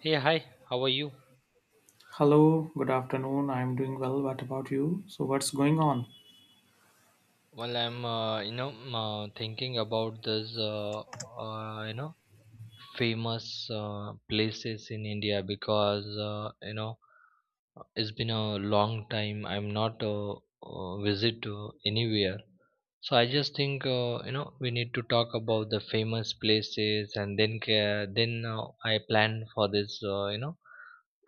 Hey, hi, how are you? Hello, good afternoon. I'm doing well. What about you? So, what's going on? Well, I'm, thinking about this, uh, you know, famous places in India because, it's been a long time. I'm not visit to anywhere. So I just think, we need to talk about the famous places, and then then I plan for this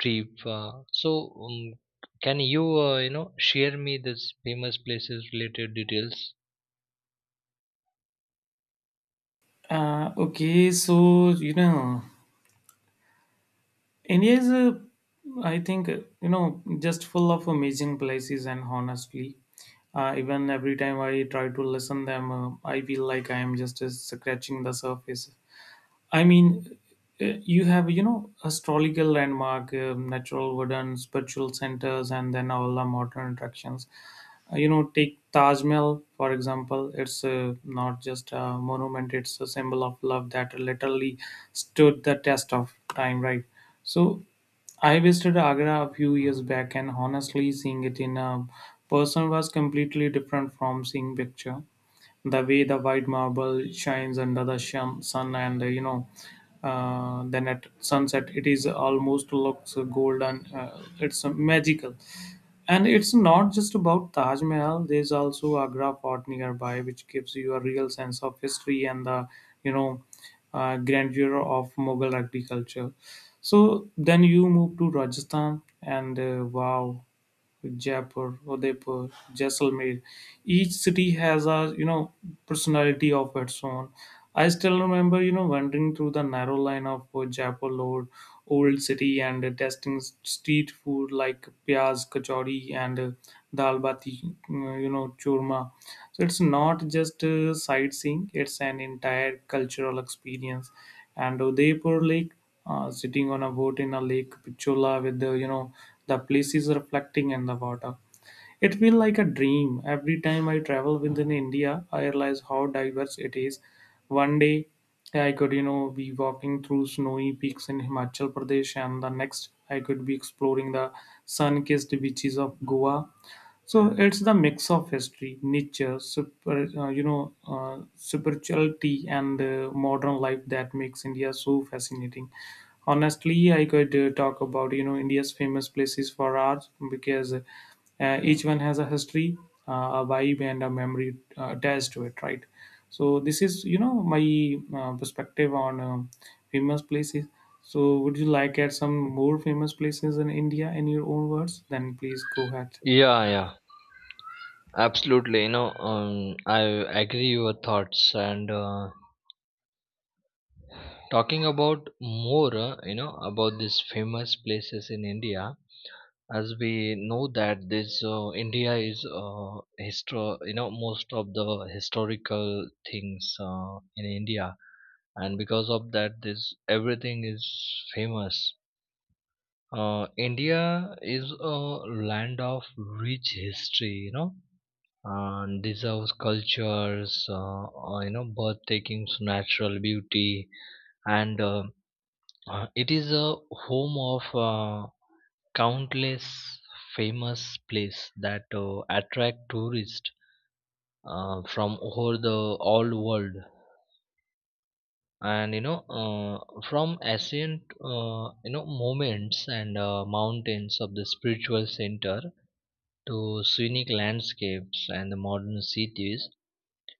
trip. So um, can you, you know share me this famous places related details? Okay, so, India is a, I think, just full of amazing places, and honestly, even every time I try to listen them, I feel like I am just scratching the surface. I mean, you have, astrological landmark, natural wooden spiritual centers, and then all the modern attractions. Take Taj Mahal, for example. It's not just a monument, it's a symbol of love that literally stood the test of time, right? So, I visited Agra a few years back, and honestly, seeing it in a person was completely different from seeing picture, the way the white marble shines under the sun, and then at sunset it is almost looks golden. It's magical, and it's not just about Taj Mahal. There's also Agra Fort nearby, which gives you a real sense of history and the you know grandeur of Mughal agriculture. So then you move to Rajasthan and wow, Jaipur, Udaipur, Jaisalmer. Each city has a personality of its own. I still remember wandering through the narrow line of Jaipur Road, old city, and tasting street food like piyaz kachori and dal bati, churma. So it's not just sightseeing, it's an entire cultural experience. And Udaipur Lake, sitting on a boat in a Lake Pichola with the you know the places reflecting in the water, it feels like a dream. Every time I travel within India, I realize how diverse it is. One day I could, be walking through snowy peaks in Himachal Pradesh, and the next I could be exploring the sun kissed beaches of Goa. So it's the mix of history, nature, super, spirituality, and modern life that makes India so fascinating. Honestly, I could talk about India's famous places for hours, because each one has a history, uh, a vibe, and a memory attached to it, right? So this is my perspective on famous places. So, would you like add some more famous places in India in your own words? Then please go ahead. Yeah, yeah, absolutely. I agree your thoughts. And talking about more, about these famous places in India. As we know that this, India is most of the historical things in India, and because of that this everything is famous. India is a land of rich history, and deserves cultures, birth takings natural beauty, And it is a home of countless famous places that attract tourists from over the all world, and from ancient, moments and mountains of the spiritual center, to scenic landscapes and the modern cities.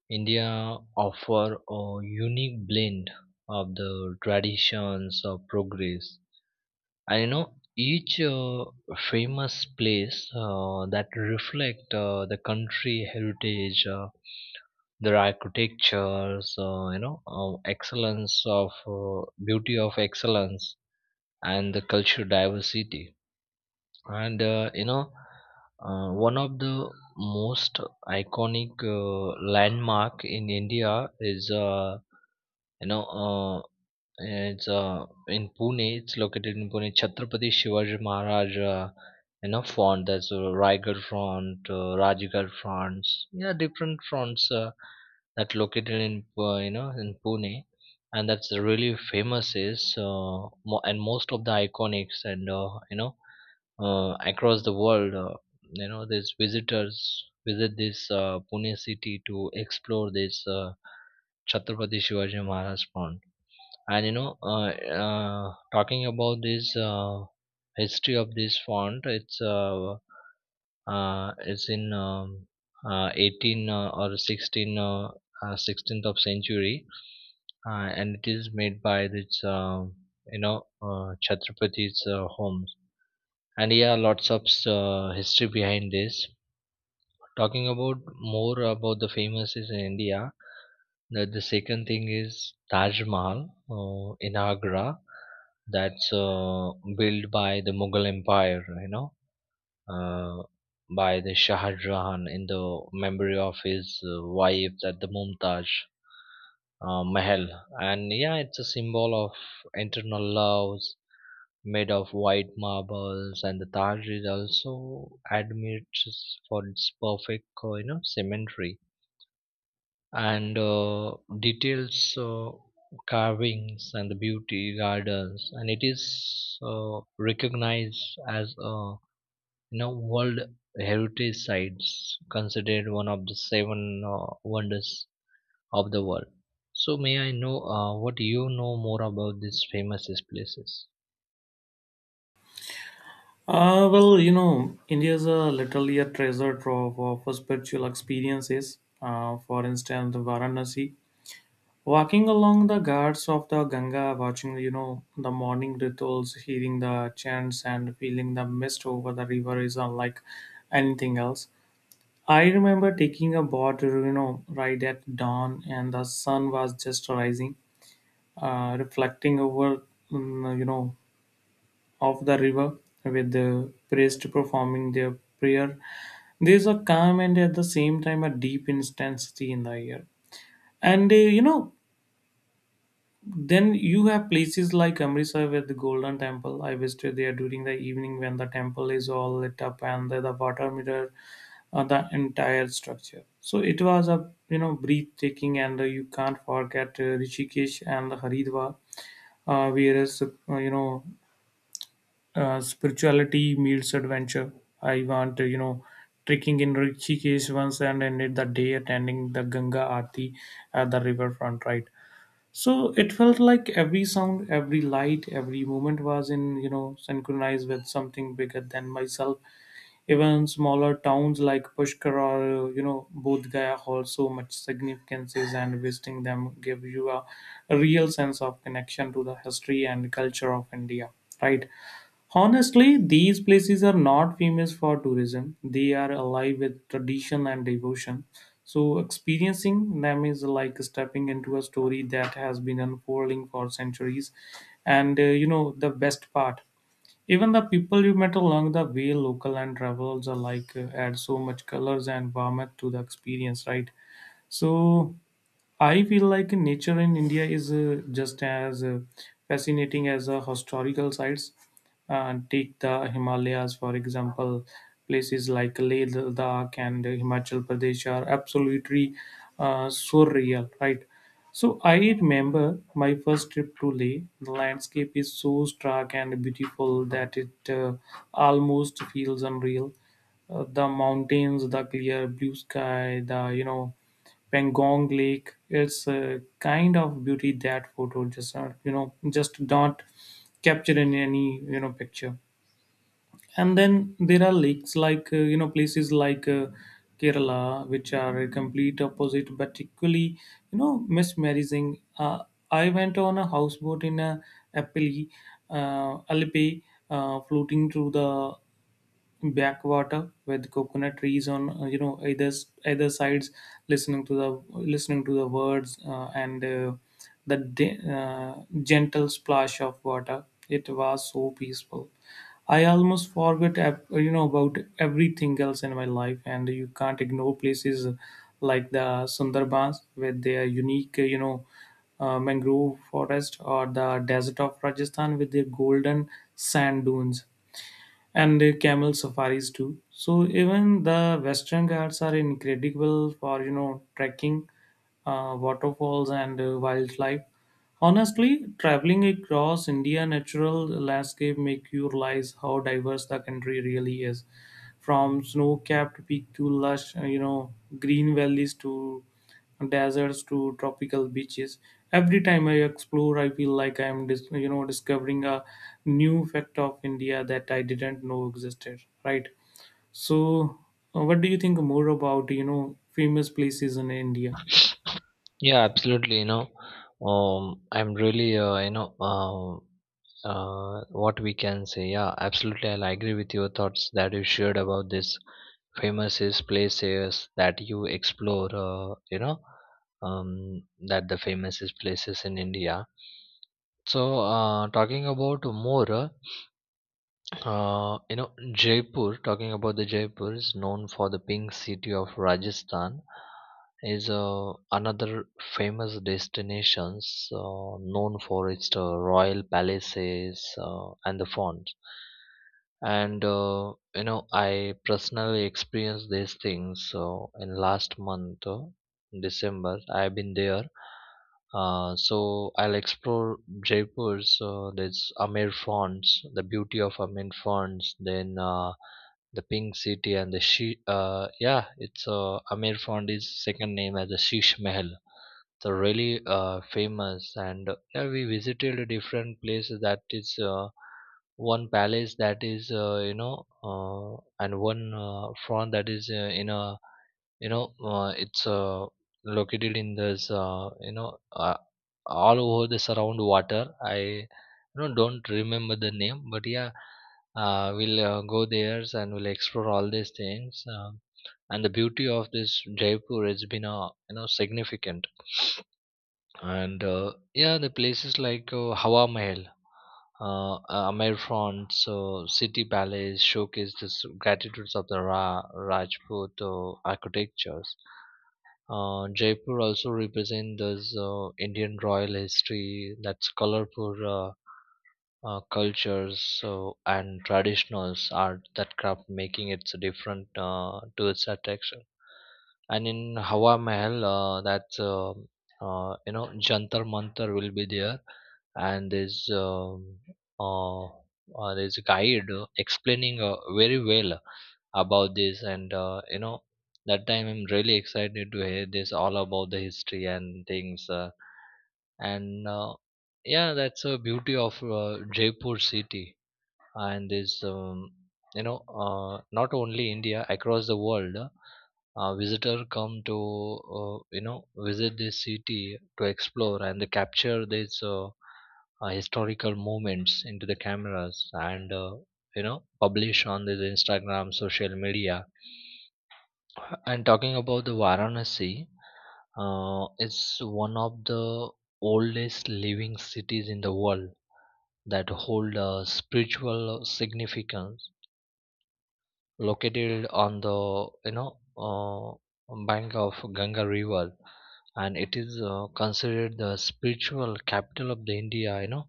India offer a unique blend of the traditions of progress, and each famous place that reflect the country heritage, their architectures, excellence of beauty of excellence, and the cultural diversity. And one of the most iconic landmark in India is, you know uh, it's in Pune. It's located in Pune. Chhatrapati Shivaji Maharaj, font. That's Raigarh front, Rajgarh fronts. Yeah, different fronts that located in you know in Pune, and that's really famous is, and most of the iconics, and across the world. These visitors visit this Pune city to explore this Chhatrapati Shivaji Maharaj font. And talking about this history of this font, it's in 18, or 16, 16th of century. And it is made by this, you know Chhatrapati's homes. And, yeah, lots of history behind this. Talking about more about the famous is in India, the second thing is Taj Mahal in Agra, that's built by the Mughal Empire, uh, by the Shah Jahan, in the memory of his wife, that the Mumtaz Mahal. And yeah, it's a symbol of internal loves, made of white marbles, and the Taj is also admired for its perfect, symmetry, and details, carvings, and the beauty gardens. And it is recognized as a, world heritage sites, considered one of the seven wonders of the world. So may I know, what, more about these famous places? Well, India is a literally a treasure trove of spiritual experiences. For instance, Varanasi, walking along the ghats of the Ganga, watching the morning rituals, hearing the chants, and feeling the mist over the river is unlike anything else. I remember taking a boat ride at dawn, and the sun was just rising, reflecting over mm, you know of the river, with the priest performing their prayer. There's a calm and at the same time a deep intensity in the air. And uh, you know Then you have places like Amritsar with the Golden Temple. I visited there during the evening when the temple is all lit up and the water mirror the entire structure. So it was a breathtaking, and you can't forget Rishikesh and Haridwar, where is you know spirituality meets adventure. I want to trekking in Rishikesh once and ended the day attending the Ganga Aarti at the riverfront, right? So it felt like every sound, every light, every moment was in, synchronized with something bigger than myself. Even smaller towns like Pushkar or, Bodh Gaya hold so much significances, and visiting them give you a real sense of connection to the history and culture of India, right? Honestly, these places are not famous for tourism. They are alive with tradition and devotion. So, experiencing them is like stepping into a story that has been unfolding for centuries. And the best part, even the people you met along the way, local and travelers alike, add so much colors and warmth to the experience, right? So, I feel like nature in India is just as fascinating as historical sites. Take the Himalayas, for example. Places like Leh, Ladakh, and Himachal Pradesh are absolutely surreal, right? So I remember my first trip to Leh. The landscape is so stark and beautiful that it almost feels unreal. The mountains, the clear blue sky, the Pangong Lake. It's a kind of beauty that photo just not captured in any picture. And then there are lakes like places like Kerala, which are a complete opposite, but equally mesmerizing. I went on a houseboat in a Appali, Alpe, floating through the backwater with coconut trees on either sides, listening to the listening to the words, and the de- uh, gentle splash of water. It was so peaceful, I almost forgot about everything else in my life. And you can't ignore places like the Sundarbans with their unique mangrove forest, or the desert of Rajasthan with their golden sand dunes and camel safaris too. So even the Western Ghats are incredible for trekking, waterfalls, and wildlife. Honestly, traveling across India natural landscape make you realize how diverse the country really is, from snow-capped peak to lush, green valleys, to deserts, to tropical beaches. Every time I explore, I feel like I am, discovering a new fact of India that I didn't know existed, right. So, what do you think more about, famous places in India? Yeah, absolutely. I'm really, what we can say, yeah, absolutely, I'll agree with your thoughts that you shared about this famous is places that you explore, that the famous is places in India. So talking about more, uh, you know Jaipur. Talking about the Jaipur is known for the Pink City of Rajasthan, is another famous destinations, known for its royal palaces and the fonts. And I personally experienced these things. So in last month, December, I've been there. So I'll explore Jaipur's, this Amir fonts, the beauty of Amir fonts. Then the Pink City, and the she yeah, it's Amir font is second name as the Sheesh Mahal. So really famous. And yeah, we visited different places, that is one palace that is, uh, and one front that is in a, it's located in this, all over the surround water. I, don't remember the name, but yeah, we'll go there, and we'll explore all these things. And the beauty of this Jaipur has been significant. And yeah, the places like Hawa Mahal, Amer Front, so City Palace showcase the gratitudes of the Rajput architectures. Jaipur also represents this Indian royal history, that's colorful cultures, so and traditionals art that craft, making it so different to its attraction. And in Hawa Mahal, that's Jantar Mantar will be there. And there's a guide explaining very well about this. And that time I'm really excited to hear this all about the history and things, and yeah, that's a beauty of Jaipur city, and is, not only India across the world. Visitor come to, visit this city to explore, and they capture these historical moments into the cameras, and publish on the Instagram, social media. And talking about the Varanasi, it's one of the oldest living cities in the world, that hold a spiritual significance, located on the, bank of Ganga river. And it is considered the spiritual capital of the India.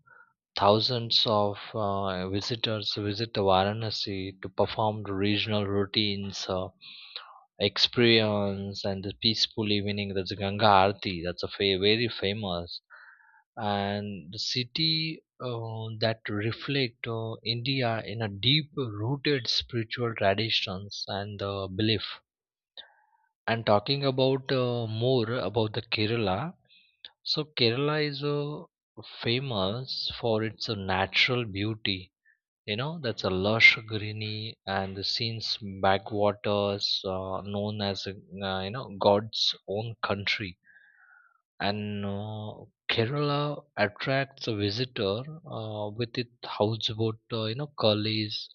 Thousands of visitors visit the Varanasi to perform the regional routines, experience, and the peaceful evening. That's Ganga Aarti, that's a very famous. And the city that reflect India in a deep rooted spiritual traditions and belief. And talking about, more about the Kerala. So Kerala is famous for its natural beauty, that's a lush greeny and the scenes backwaters, known as, God's own country. And Kerala attracts a visitor with its houseboat, gullies,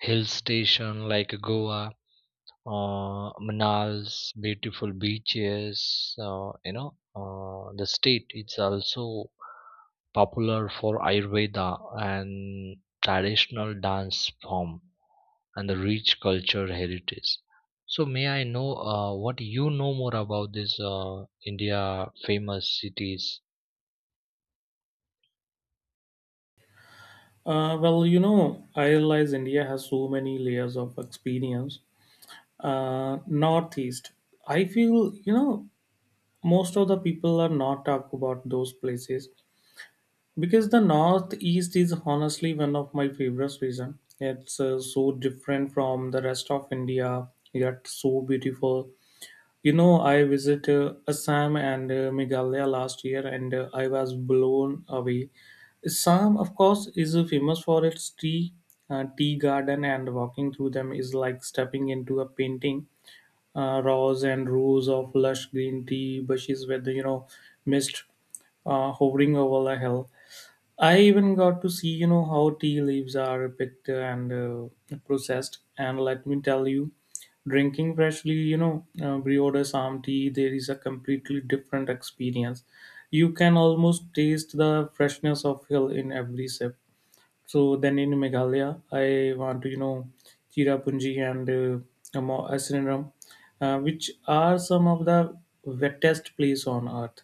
hill station like Goa, Manal's beautiful beaches, the state, it's also popular for Ayurveda and traditional dance form, and the rich culture heritage. So, may I know, what, more about this India famous cities? Well, I realize India has so many layers of experience. Northeast, I feel, most of the people are not talk about those places, because the Northeast is honestly one of my favorite reasons. It's so different from the rest of India, yet so beautiful. I visited Assam and Meghalaya last year, and I was blown away. Assam, of course, is famous for its tea, tea garden, and walking through them is like stepping into a painting. Rows and rows of lush green tea bushes with, mist hovering over the hill. I even got to see, how tea leaves are picked and processed. And let me tell you, drinking freshly, brewed Assam tea, there is a completely different experience. You can almost taste the freshness of hill in every sip. So then in Meghalaya, I want to, Cherrapunji and Asiniram, which are some of the wettest place on earth.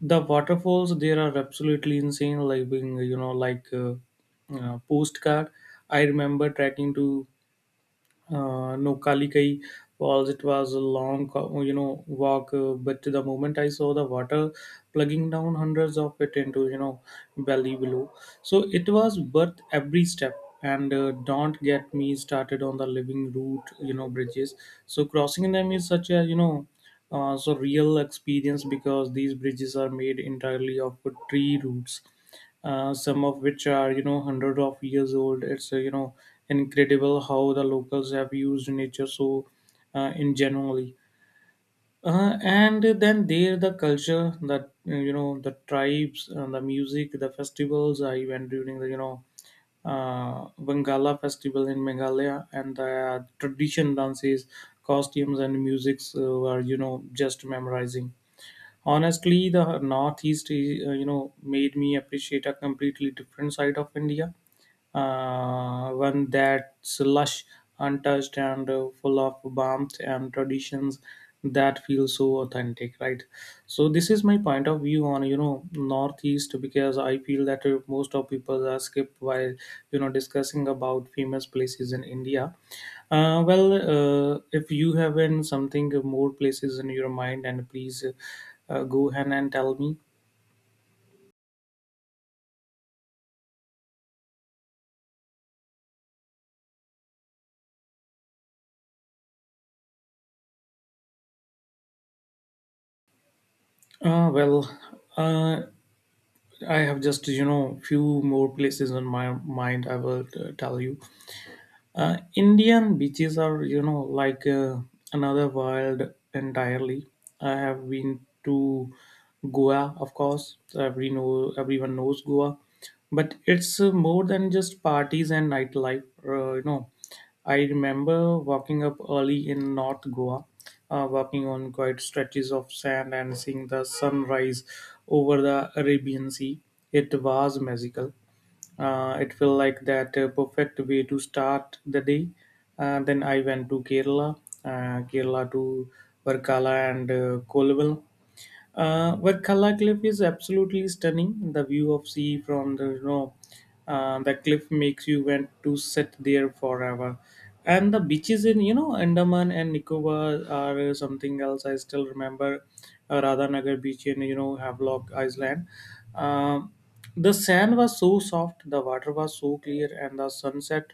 The waterfalls there are absolutely insane, like being like postcard. I remember trekking to no Kalikai falls. It was a long, walk. But the moment I saw the water plugging down hundreds of it into, valley below, so it was worth every step. And don't get me started on the living route, bridges. So crossing them is such a, so real experience, because these bridges are made entirely of tree roots, some of which are hundred of years old. It's incredible how the locals have used nature so in generally. And then there the culture, that the tribes and the music, the festivals. I went during the Bangala festival in Meghalaya, and the tradition dances, costumes, and musics were just memorizing. Honestly, the Northeast, is, made me appreciate a completely different side of India, one that's lush, untouched, and full of warmth and traditions that feel so authentic, right? So this is my point of view on Northeast, because I feel that most of people skip while discussing about famous places in India. Well, if you have in something more places in your mind, and please go ahead and tell me. Well, uh, I have just few more places on my mind. I will tell you. Indian beaches are like another world entirely. I have been to Goa, of course. Everyone knows Goa, but it's more than just parties and nightlife. I remember walking up early in North Goa, walking on quiet stretches of sand and seeing the sunrise over the Arabian Sea. It was magical. It felt like that perfect way to start the day. Then I went to Kerala, to Varkala and Kollvel, where Kala Cliff is absolutely stunning. The view of sea from the cliff makes you want to sit there forever. And the beaches in Andaman and Nicobar are something else. I still remember Radhanagar beach in Havelock Island. Um, the sand was so soft, the water was so clear, and the sunset,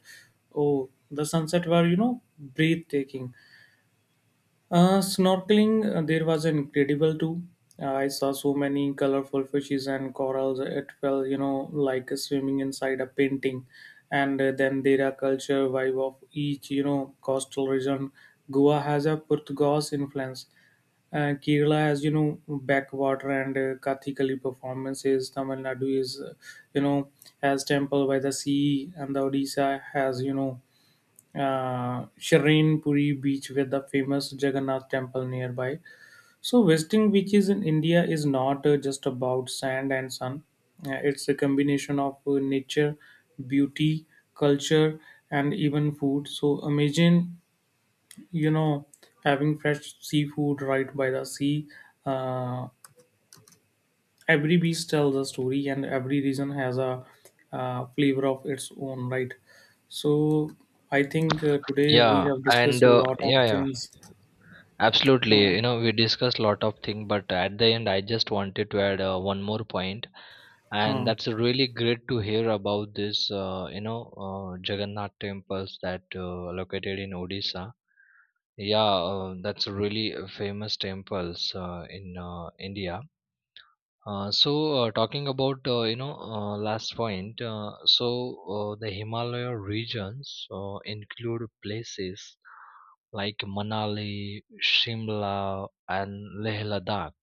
oh, the sunset were breathtaking. Snorkeling, there was incredible too. I saw so many colorful fishes and corals. It felt, like swimming inside a painting. And then there are culture vibe of each, coastal region. Goa has a Portuguese influence. Kerala has, backwater and Kathikali performances. Tamil Nadu is, you know, has temple by the sea, and the Odisha has, Shrine beach with the famous Jagannath temple nearby. So, visiting beaches in India is not just about sand and sun. It's a combination of nature, beauty, culture, and even food. So, imagine you know having fresh seafood right by the sea. Uh, every beach tells a story, and every region has a flavor of its own, right? So I think today we Yeah, have and discussed a lot of yeah, yeah, things. uh, absolutely. We discussed a lot of things, but at the end, I just wanted to add one more point, and uh, that's really great to hear about this. Jagannath temples that located in Odisha. Yeah, that's really a famous temples in India. So talking about, last point. The Himalaya regions include places like Manali, Shimla, and Leh Ladakh,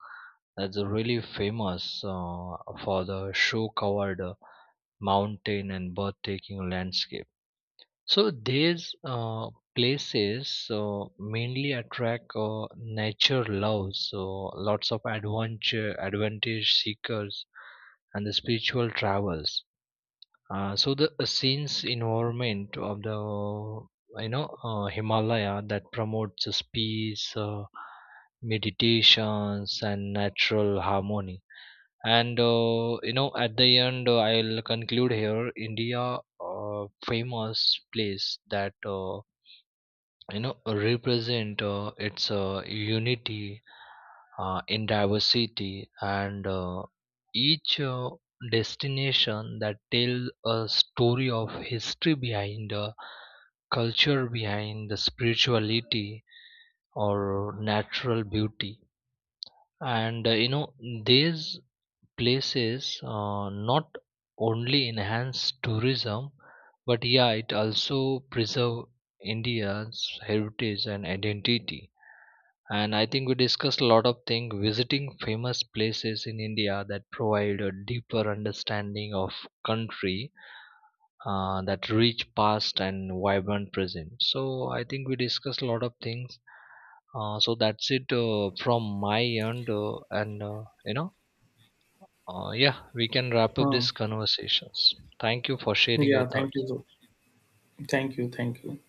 that's really famous for the snow covered mountain and breathtaking landscape. So these places mainly attract nature lovers, so lots of adventure, advantage seekers, and the spiritual travels. So the scenes environment of the, Himalaya, that promotes this peace, meditations, and natural harmony. And at the end, I'll conclude here. India, famous place that represent its unity in diversity, and each destination that tells a story of history behind, culture behind, the spirituality or natural beauty. And these places not only enhance tourism, but yeah, it also preserve India's heritage and identity. And I think we discussed a lot of things, visiting famous places in India, that provide a deeper understanding of country, that rich past and vibrant present. So I think we discussed a lot of things. So that's it, from my end, and you know yeah, we can wrap up uh. these conversations. Thank you for sharing your Yeah, thank you, thoughts. so thank you, thank you.